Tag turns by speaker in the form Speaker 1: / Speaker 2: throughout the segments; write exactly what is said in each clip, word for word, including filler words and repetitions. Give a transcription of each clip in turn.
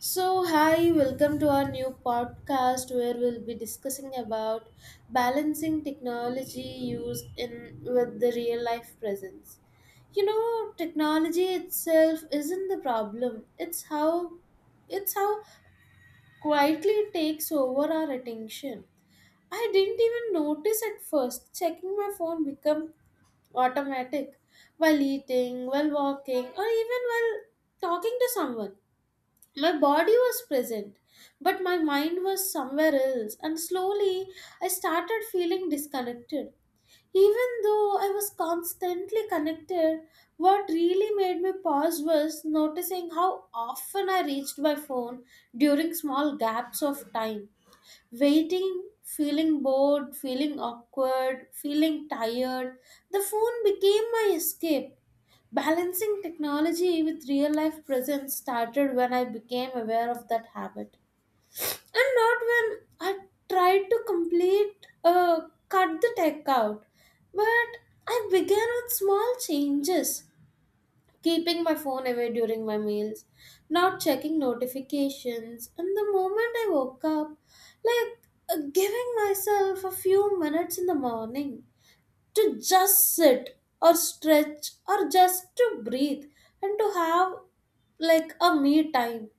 Speaker 1: So, hi, welcome to our new podcast where we'll be discussing about balancing technology use in with the real life presence. You know, technology itself isn't the problem. It's how it's how quietly it takes over our attention. I didn't even notice at first. Checking my phone become automatic while eating, while walking, or even while talking to someone my body was present, but my mind was somewhere else, and slowly I started feeling disconnected. Even though I was constantly connected, what really made me pause was noticing how often I reached my phone during small gaps of time. Waiting, feeling bored, feeling awkward, feeling tired, the phone became my escape. Balancing technology with real life presence started when I became aware of that habit. And not when I tried to complete, uh, cut the tech out. But I began with small changes, keeping my phone away during my meals, not checking notifications, and the moment I woke up, like uh, giving myself a few minutes in the morning to just sit or stretch or just to breathe and to have like a me time.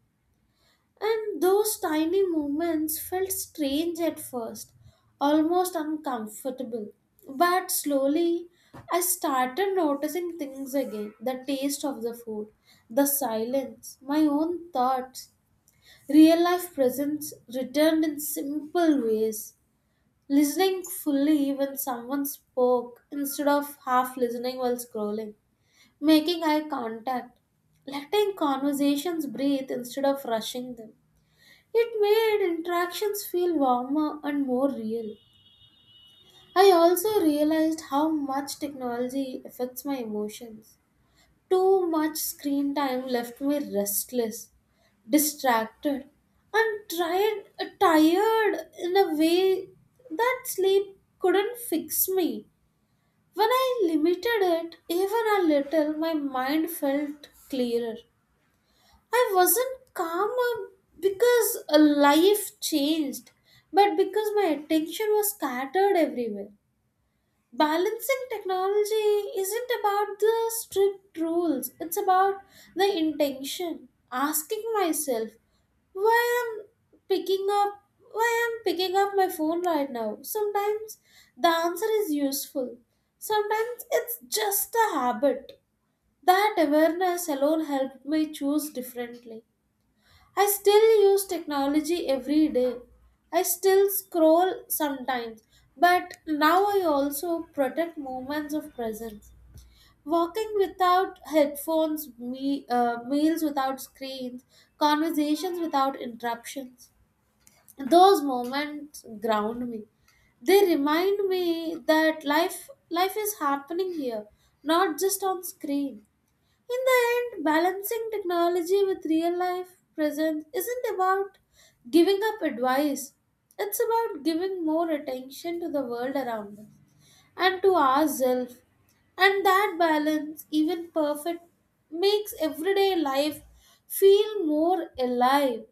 Speaker 1: And those tiny moments felt strange at first, almost uncomfortable. But slowly, I started noticing things again: the taste of the food, the silence, my own thoughts. Real life presence returned in simple ways. Listening fully when someone spoke instead of half listening while scrolling. Making eye contact. Letting conversations breathe instead of rushing them. It made interactions feel warmer and more real. I also realized how much technology affects my emotions. Too much screen time left me restless, distracted, and tried, tired in a way that sleep couldn't fix me. When I limited it even a little, my mind felt clearer. I wasn't calmer because a life changed, but because my attention was scattered everywhere. Balancing technology isn't about the strict rules, it's about the intention, asking myself why i'm picking up why i'm picking up my phone right now. Sometimes the answer is useful, sometimes it's just a habit. That awareness alone helped me choose differently. I still use technology every day. I still scroll sometimes, but now I also protect moments of presence. Walking without headphones, me, uh, meals without screens, conversations without interruptions. Those moments ground me. They remind me that life life is happening here, not just on screen. In the end, balancing technology with real life presence isn't about giving up advice, it's about giving more attention to the world around us and to ourselves. And that balance, even perfect, makes everyday life feel more alive.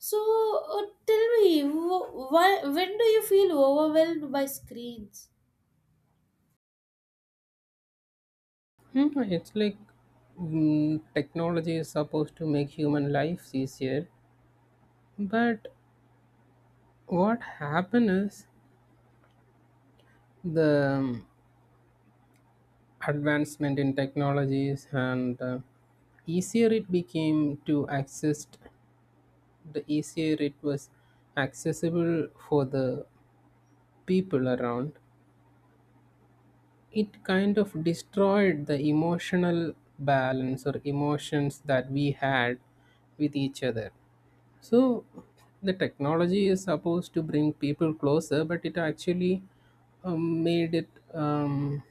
Speaker 1: So, uh, tell me, wh- why, when do you feel overwhelmed by screens?
Speaker 2: Mhm. It's like mm, technology is supposed to make human lives easier, but what happen is the um, advancement in technologies and uh, easier it became to access, the easier it was accessible for the people around. It kind of destroyed the emotional balance or emotions that we had with each other. So, the technology is supposed to bring people closer, but it actually um, made it, um,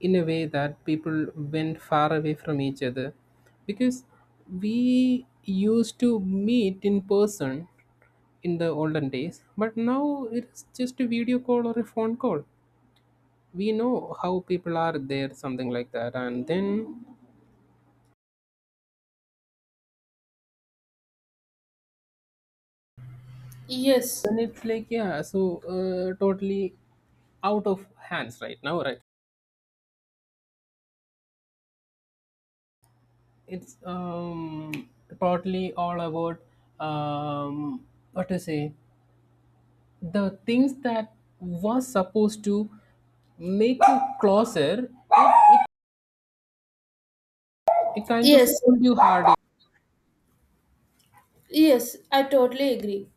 Speaker 2: in a way that people went far away from each other, because we used to meet in person in the olden days, but now it's just a video call or a phone call. We know how people are there, something like that, and then
Speaker 1: Yes,
Speaker 2: then it's like, yeah, so uh, totally out of hands right now, right? It's um, partly all about, um, what to say, the things that was supposed to make you closer, it, it, it kind of
Speaker 1: yes,
Speaker 2: pulled you harder.
Speaker 1: yes, I totally agree.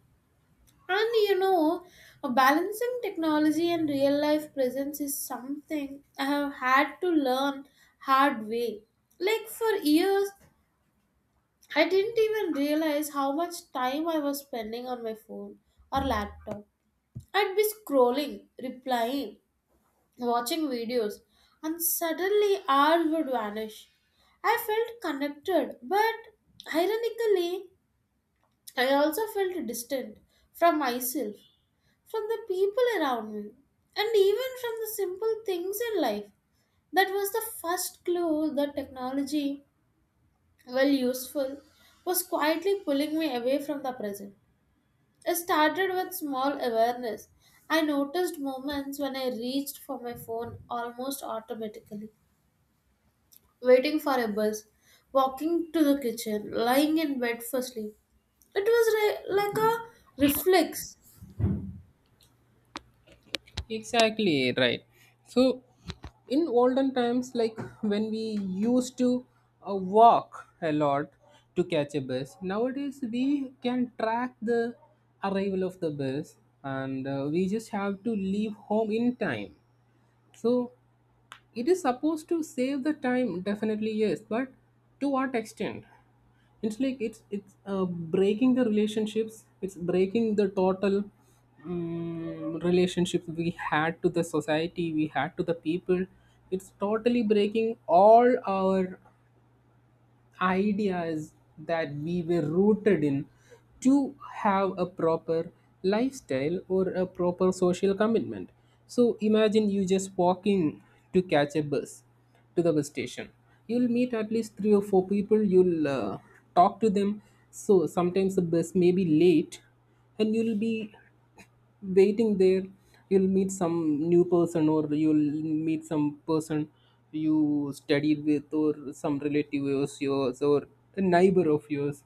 Speaker 1: And you know, balancing technology and real life presence is something I have had to learn hard way. Like for years, I didn't even realize how much time I was spending on my phone or laptop. I'd be scrolling, replying, watching videos, and suddenly hours would vanish. I felt connected, but ironically, I also felt distant from myself, from the people around me, and even from the simple things in life. That was the first clue that technology, well useful, was quietly pulling me away from the present. It started with small awareness. I noticed moments when I reached for my phone almost automatically, waiting for a bus, walking to the kitchen, lying in bed for sleep. It was re- like a reflex.
Speaker 2: Exactly right. So in olden times, like when we used to uh, walk a lot to catch a bus, nowadays we can track the arrival of the bus, and uh, we just have to leave home in time. So it is supposed to save the time, definitely, yes, but to what extent? It's like, it's it's uh, breaking the relationships, it's breaking the total um, relationships we had to the society, we had to the people. It's totally breaking all our ideas that we were rooted in, to have a proper lifestyle or a proper social commitment. So imagine you just walking to catch a bus, to the bus station. You'll meet at least three or four people. You'll uh, talk to them. So sometimes the bus may be late, and you'll be waiting there. You'll meet some new person, or you'll meet some person you studied with, or some relative of yours, or a neighbor of yours,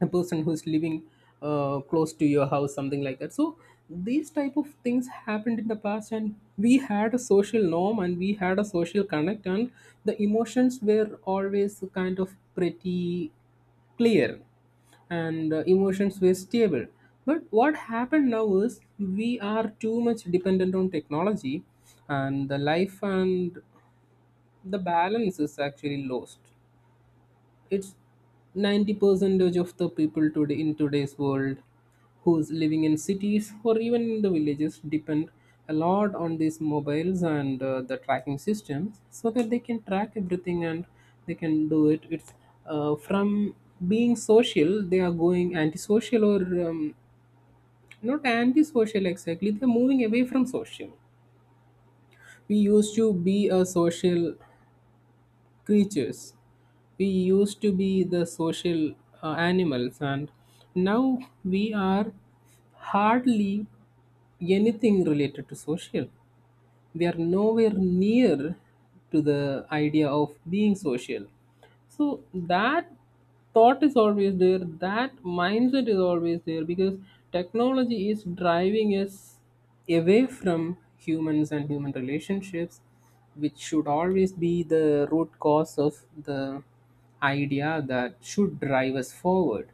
Speaker 2: a person who's living uh, close to your house, something like that. So these type of things happened in the past, and we had a social norm, and we had a social connect, and the emotions were always kind of pretty clear, and uh, emotions were stable. But what happened now is we are too much dependent on technology, and the life and the balance is actually lost. It's ninety percentage of the people today, in today's world, who's living in cities or even in the villages, depend a lot on these mobiles and uh, the tracking systems, so that they can track everything, and they can do it. It's, uh, from being social, they are going antisocial, or, um, not antisocial exactly, they're moving away from social. We used to be a social creatures. We used to be the social uh, animals, and now we are hardly anything related to social. They are nowhere near to the idea of being social, so that thought is always there, that mindset is always there, because technology is driving us away from humans and human relationships, which should always be the root cause of the idea that should drive us forward.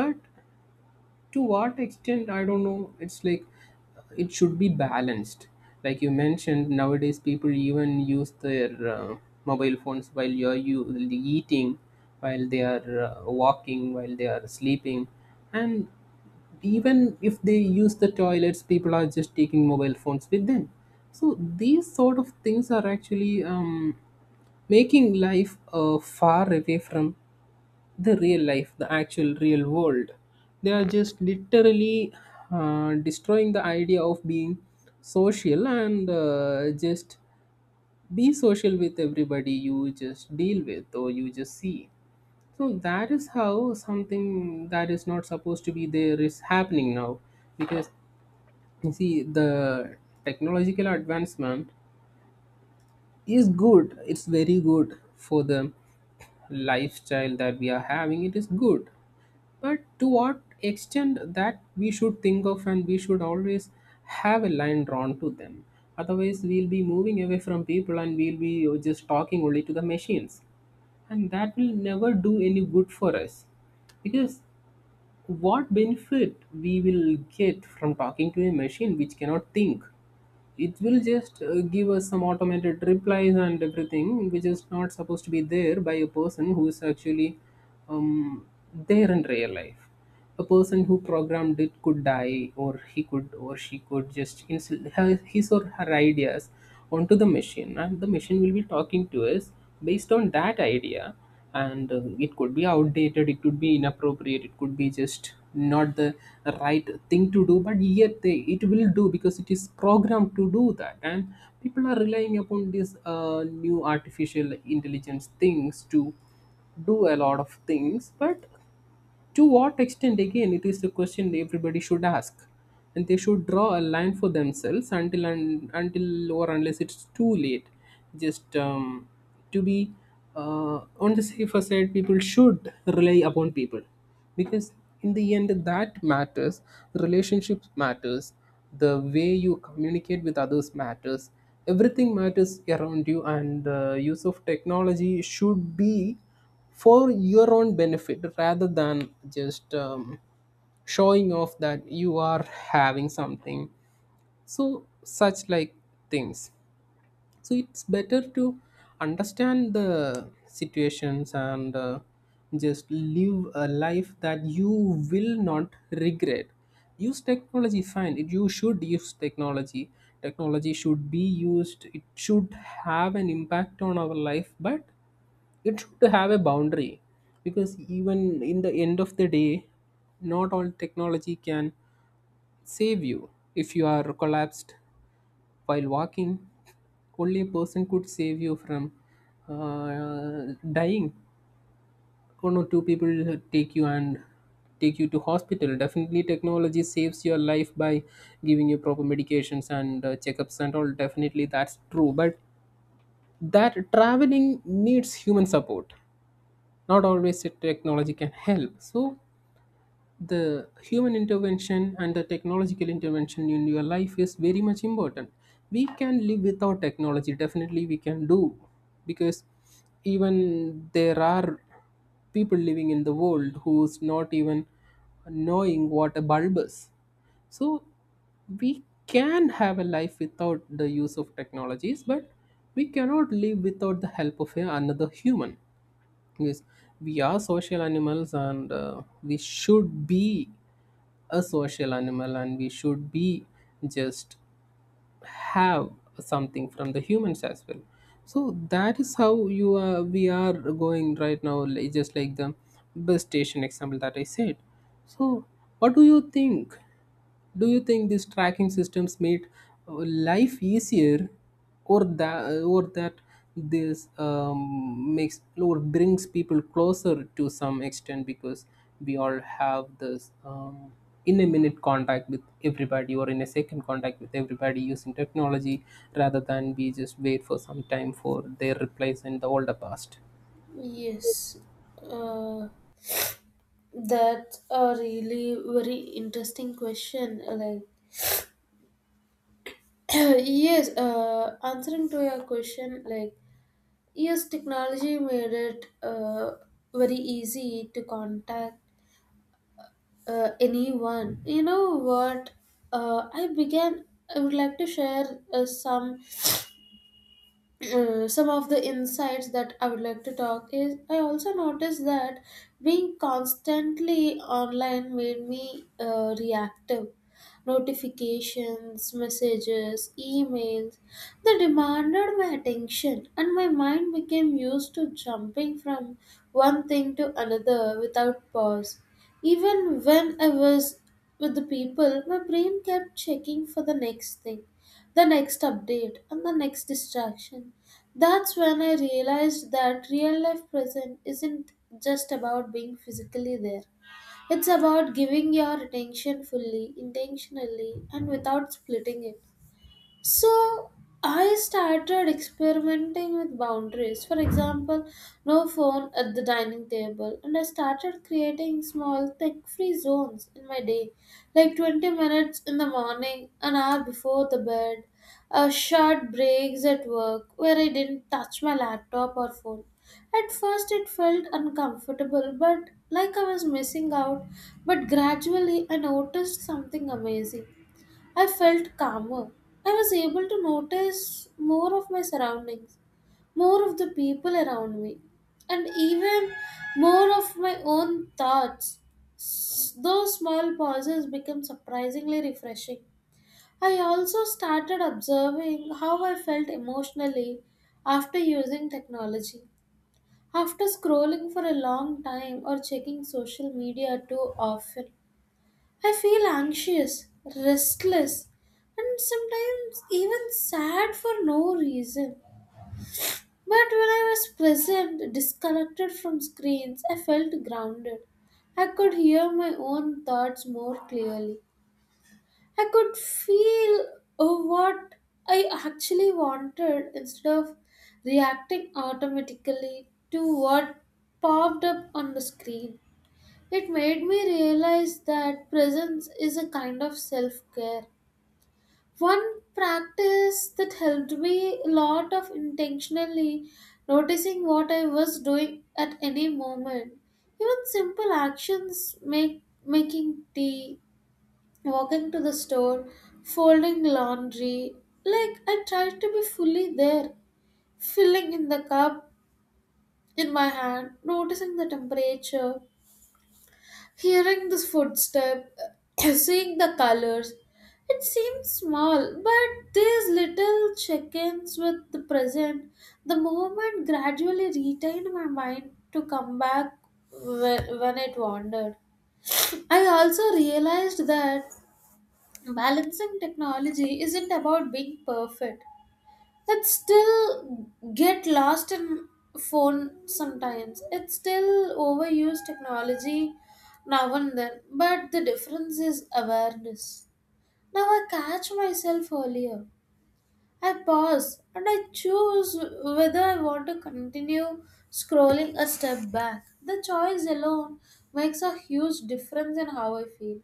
Speaker 2: But to what extent, I don't know. It's like, uh, it should be balanced. Like you mentioned, nowadays people even use their uh, mobile phones while you're you eating, while they are uh, walking, while they are sleeping. And even if they use the toilets, people are just taking mobile phones with them. So these sort of things are actually um, making life uh, far away from the real life, the actual real world. They are just literally uh, destroying the idea of being social, and uh, just be social with everybody you just deal with or you just see. So that is how something that is not supposed to be there is happening now, because, you see, the technological advancement is good, it's very good for the lifestyle that we are having, it is good. But to what extent, that we should think of, and we should always have a line drawn to them. Otherwise, we'll be moving away from people, and we'll be just talking only to the machines. And that will never do any good for us. Because what benefit we will get from talking to a machine which cannot think? It will just uh, give us some automated replies and everything, which is not supposed to be there by a person who is actually um, there in real life. A person who programmed it could die, or he could, or she could just insert her- his or her ideas onto the machine, and the machine will be talking to us based on that idea. And uh, it could be outdated, it could be inappropriate, it could be just not the right thing to do, but yet they it will do because it is programmed to do that. And people are relying upon these uh, new artificial intelligence things to do a lot of things. But to what extent, again, it is the question everybody should ask. And they should draw a line for themselves until, and until or unless it's too late. Just, um, to be, uh, on the safer side, people should rely upon people, because in the end that matters. Relationships matters. The way you communicate with others matters. Everything matters around you, and the use of technology should be for your own benefit, rather than just um, showing off that you are having something. So such like things. So it's better to understand the situations, and uh, just live a life that you will not regret. Use technology, fine, it, you should use technology. Technology should be used. It should have an impact on our life, but it should have a boundary, because even in the end of the day, not all technology can save you. If you are collapsed while walking, only a person could save you from uh, dying. One or two people take you, and take you to hospital. Definitely, technology saves your life by giving you proper medications and uh, checkups and all. Definitely, that's true. But that traveling needs human support. Not always the technology can help. So the human intervention and the technological intervention in your life is very much important. We can live without technology, definitely we can do, because even there are people living in the world who's not even knowing what a bulb is. So we can have a life without the use of technologies, but we cannot live without the help of a- another human. Yes, we are social animals, and uh, we should be a social animal, and we should be, just have something from the humans as well. So that is how you are we are going right now, like- just like the bus station example that I said. So what do you think? Do you think these tracking systems made uh, life easier, or that, or that this um, makes or brings people closer to some extent, because we all have this um, in a minute contact with everybody, or in a second contact with everybody using technology, rather than we just wait for some time for their replies in the older past.
Speaker 1: Yes. Uh, That's a really very interesting question. Like, yes, uh, answering to your question, like, yes, technology made it uh, very easy to contact uh, anyone. You know what? Uh, I began. I would like to share uh, some uh, some of the insights that I would like to talk is I also noticed that being constantly online made me uh, reactive. Notifications, messages, emails, they demanded my attention, and my mind became used to jumping from one thing to another without pause. Even when I was with the people, my brain kept checking for the next thing, the next update, and the next distraction. That's when I realized that real life present isn't just about being physically there. It's about giving your attention fully, intentionally, and without splitting it. So I started experimenting with boundaries. For example, no phone at the dining table, and I started creating small tech-free zones in my day, like twenty minutes in the morning, an hour before the bed, a short breaks at work where I didn't touch my laptop or phone. At first, it felt uncomfortable, but like I was missing out. But gradually, I noticed something amazing. I felt calmer. I was able to notice more of my surroundings, more of the people around me, and even more of my own thoughts. Those small pauses became surprisingly refreshing. I also started observing how I felt emotionally after using technology, after scrolling for a long time or checking social media too often. I feel anxious, restless, and sometimes even sad for no reason. But when I was present, disconnected from screens, I felt grounded. I could hear my own thoughts more clearly. I could feel uh, what I actually wanted instead of reacting automatically to what popped up on the screen. It made me realize that presence is a kind of self care. One practice that helped me a lot of intentionally noticing what I was doing at any moment. Even simple actions make making tea, walking to the store, folding laundry. Like I tried to be fully there, filling in the cup in my hand, noticing the temperature, hearing this footstep, seeing the colors. It seems small, but these little check ins with the present, the moment gradually retained my mind to come back when, when it wandered. I also realized that balancing technology isn't about being perfect. It still get lost in phone sometimes. It still overuse technology now and then, but the difference is awareness. Now I catch myself earlier. I pause and I choose whether I want to continue scrolling a step back. The choice alone makes a huge difference in how I feel.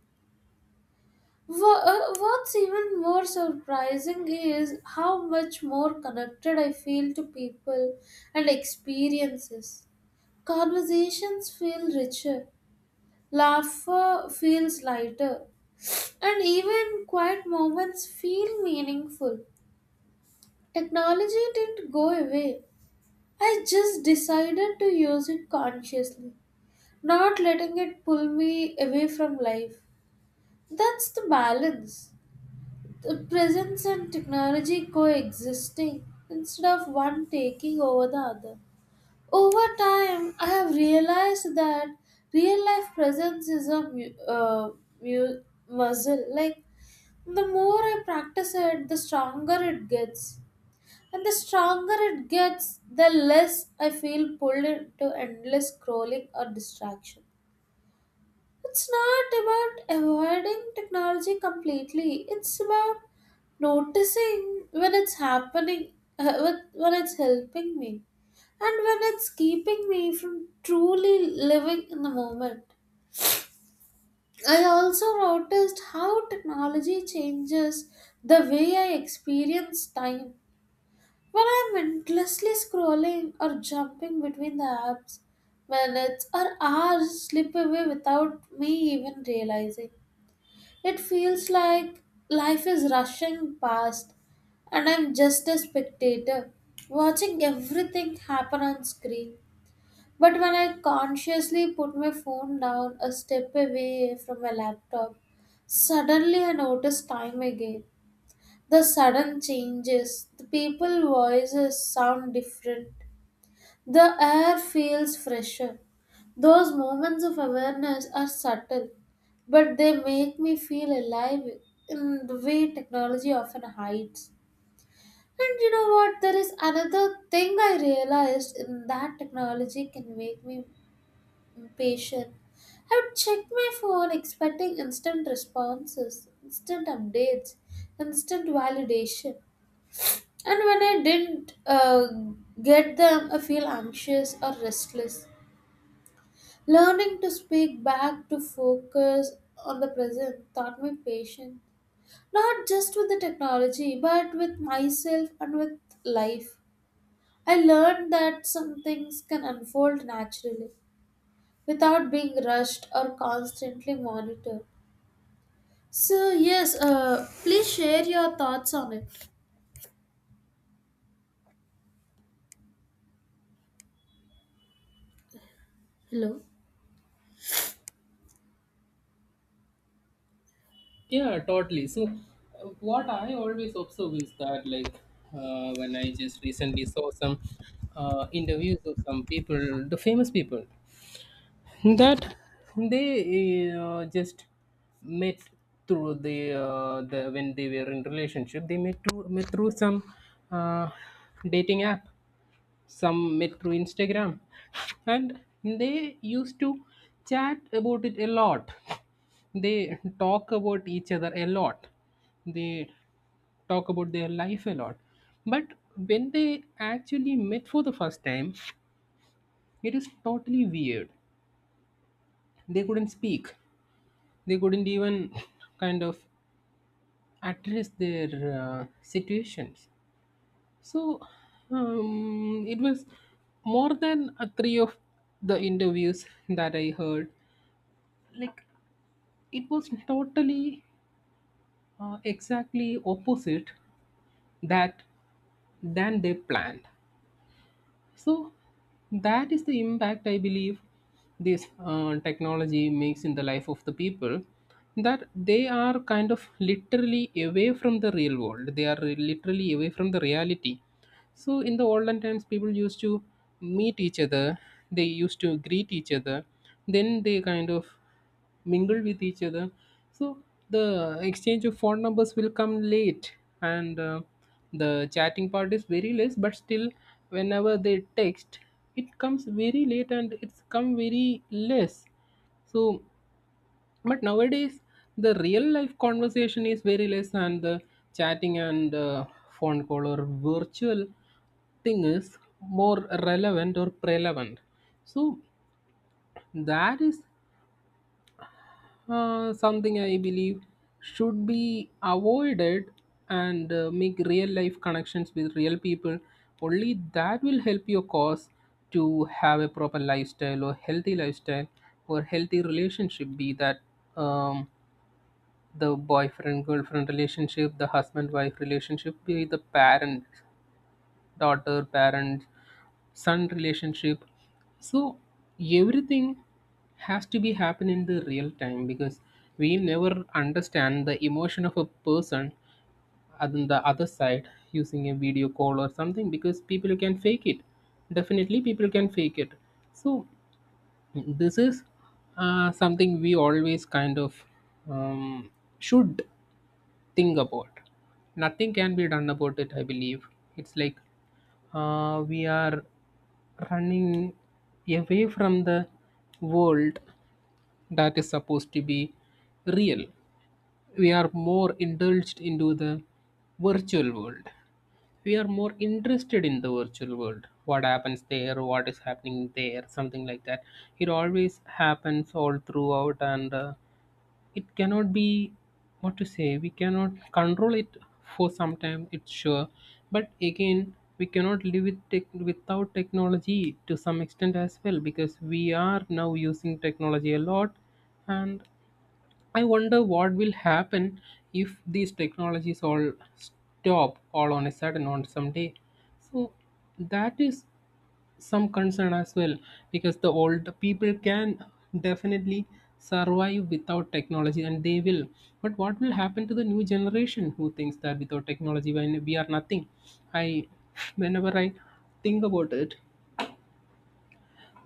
Speaker 1: Wha- uh, What's even more surprising is how much more connected I feel to people and experiences. Conversations feel richer, laughter feels lighter, and even quiet moments feel meaningful. Technology didn't go away. I just decided to use it consciously, not letting it pull me away from life. That's the balance. The presence and technology coexisting instead of one taking over the other. Over time, I have realized that real life presence is a mu- uh, mu- muscle. Like, the more I practice it, the stronger it gets. And the stronger it gets, the less I feel pulled into endless scrolling or distraction. It's not about avoiding technology completely, it's about noticing when it's happening, uh, when when it's helping me, and when it's keeping me from truly living in the moment. I also noticed how technology changes the way I experience time. When I'm endlessly scrolling or jumping between the apps, minutes or hours slip away without me even realizing. It feels like life is rushing past and I'm just a spectator, watching everything happen on screen. But when I consciously put my phone down a step away from my laptop, suddenly I notice time again. The sudden changes, the people voices sound different, the air feels fresher. Those moments of awareness are subtle, but they make me feel alive in the way technology often hides. And you know what? There is another thing I realized in that technology can make me impatient. I would check my phone expecting instant responses, instant updates, instant validation. And when I didn't uh, get them, I feel anxious or restless. Learning to speak back to focus on the present taught me patience, not just with the technology, but with myself and with life. I learned that some things can unfold naturally without being rushed or constantly monitored. So, yes, uh, please share your thoughts on it. Hello?
Speaker 2: Yeah, totally. So, uh, what I always observe is that, like, uh, when I just recently saw some uh, interviews of some people, the famous people, that they uh, just met through the, uh, the, when they were in relationship, they met through met through some uh, dating app, some met through Instagram, and they used to chat about it a lot, they talk about each other a lot, they talk about their life a lot. But when they actually met for the first time, it is totally weird. They couldn't speak, they couldn't even kind of address their uh, situations. So, um, it was more than uh, three of the interviews that I heard. Like, it was totally uh, exactly opposite, that, than they planned. So that is the impact, I believe, this uh, technology makes in the life of the people, that they are kind of literally away from the real world, they are literally away from the reality. So in the olden times, people used to meet each other. They used to greet each other. Then they kind of mingle with each other. So the exchange of phone numbers will come late, and uh, the chatting part is very less. But still, whenever they text, it comes very late, and it's come very less. So, but nowadays, the real life conversation is very less, and the chatting and uh, phone call or virtual thing is more relevant or prevalent. So, that is uh, something I believe should be avoided, and uh, make real life connections with real people. Only that will help your cause to have a proper lifestyle or healthy lifestyle or healthy relationship, be that. Um, the boyfriend girlfriend relationship, the husband wife relationship, be the parent daughter parent son relationship. So everything has to be happen in the real time, because we never understand the emotion of a person on the other side using a video call or something, because people can fake it, definitely people can fake it. So this is uh, something we always kind of um, should think about. Nothing can be done about it, I believe. It's like uh, we are running away from the world that is supposed to be real. We are more indulged into the virtual world. We are more interested in the virtual world. What happens there, what is happening there, something like that. It always happens all throughout, and uh, it cannot be, what to say, we cannot control it for some time, it's sure, but again we cannot live with tech- without technology to some extent as well, because we are now using technology a lot. And I wonder what will happen if these technologies all stop all on a sudden on some day. So that is some concern as well, because the old people can definitely survive without technology, and they will. But what will happen to the new generation who thinks that without technology when we are nothing? I whenever i think about it,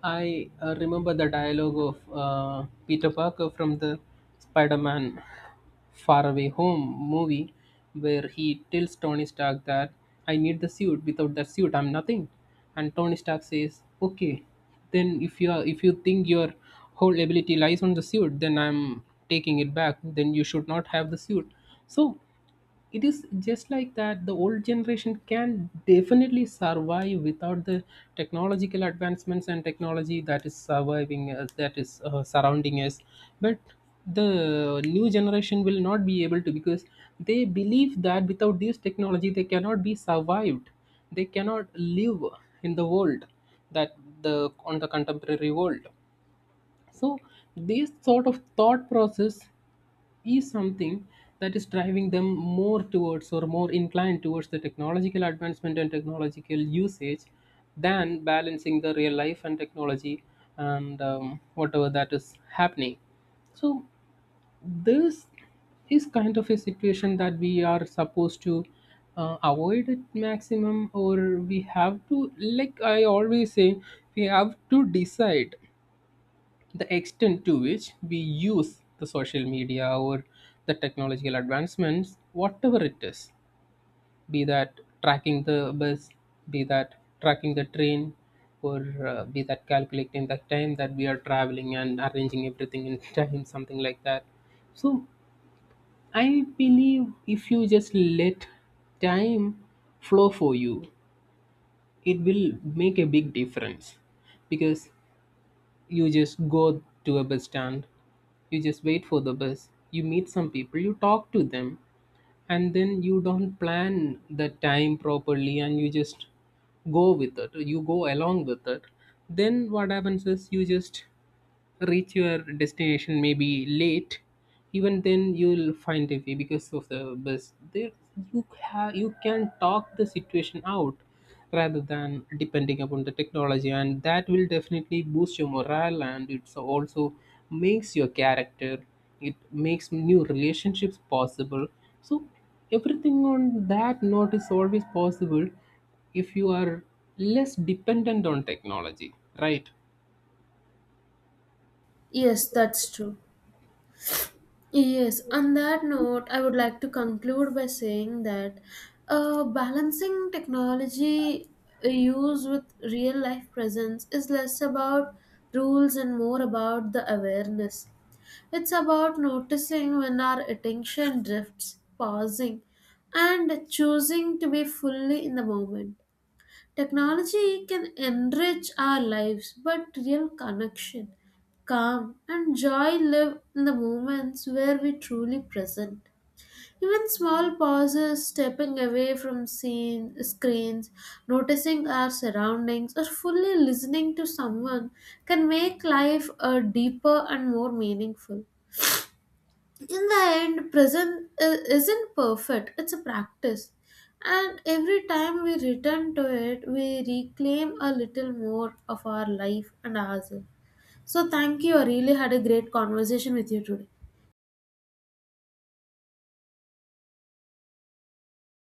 Speaker 2: i uh, remember the dialogue of uh, Peter Parker from the Spider-Man Far Away Home movie, where he tells Tony Stark that I need the suit. Without that suit, I'm nothing. And Tony Stark says, "Okay, then if you are, if you think your whole ability lies on the suit, then I'm taking it back. Then you should not have the suit." So it is just like that. The old generation can definitely survive without the technological advancements and technology that is surviving us, that is uh, surrounding us. But the new generation will not be able to, because they believe that without this technology they cannot be survived, they cannot live in the world that, the on the contemporary world. So this sort of thought process is something that is driving them more towards or more inclined towards the technological advancement and technological usage than balancing the real life and technology and um, whatever that is happening. So, this is kind of a situation that we are supposed to uh, avoid at maximum, or we have to, like I always say, we have to decide the extent to which we use the social media or the technological advancements, whatever it is. Be that tracking the bus, be that tracking the train, or uh, be that calculating the time that we are traveling and arranging everything in time, something like that. So, I believe if you just let time flow for you, it will make a big difference, because you just go to a bus stand. You just wait for the bus, you meet some people, you talk to them, and then you don't plan the time properly and you just go with it, you go along with it. Then what happens is you just reach your destination maybe late. Even then you'll find a way, because of the bus there you have, you can talk the situation out rather than depending upon the technology, and that will definitely boost your morale and it's also makes your character, it makes new relationships possible. So everything on that note is always possible if you are less dependent on technology, right?
Speaker 1: Yes, that's true. Yes, on that note, I would like to conclude by saying that uh, balancing technology uh, use with real life presence is less about rules and more about the awareness. It's about noticing when our attention drifts, pausing, and choosing to be fully in the moment. Technology can enrich our lives, but real connection, calm, and joy live in the moments where we truly present. Even small pauses, stepping away from scene, screens, noticing our surroundings, or fully listening to someone can make life a deeper and more meaningful. In the end present i- isn't perfect, it's a practice, and every time we return to it we reclaim a little more of our life and ourselves. So thank you, I really had a great conversation with you today.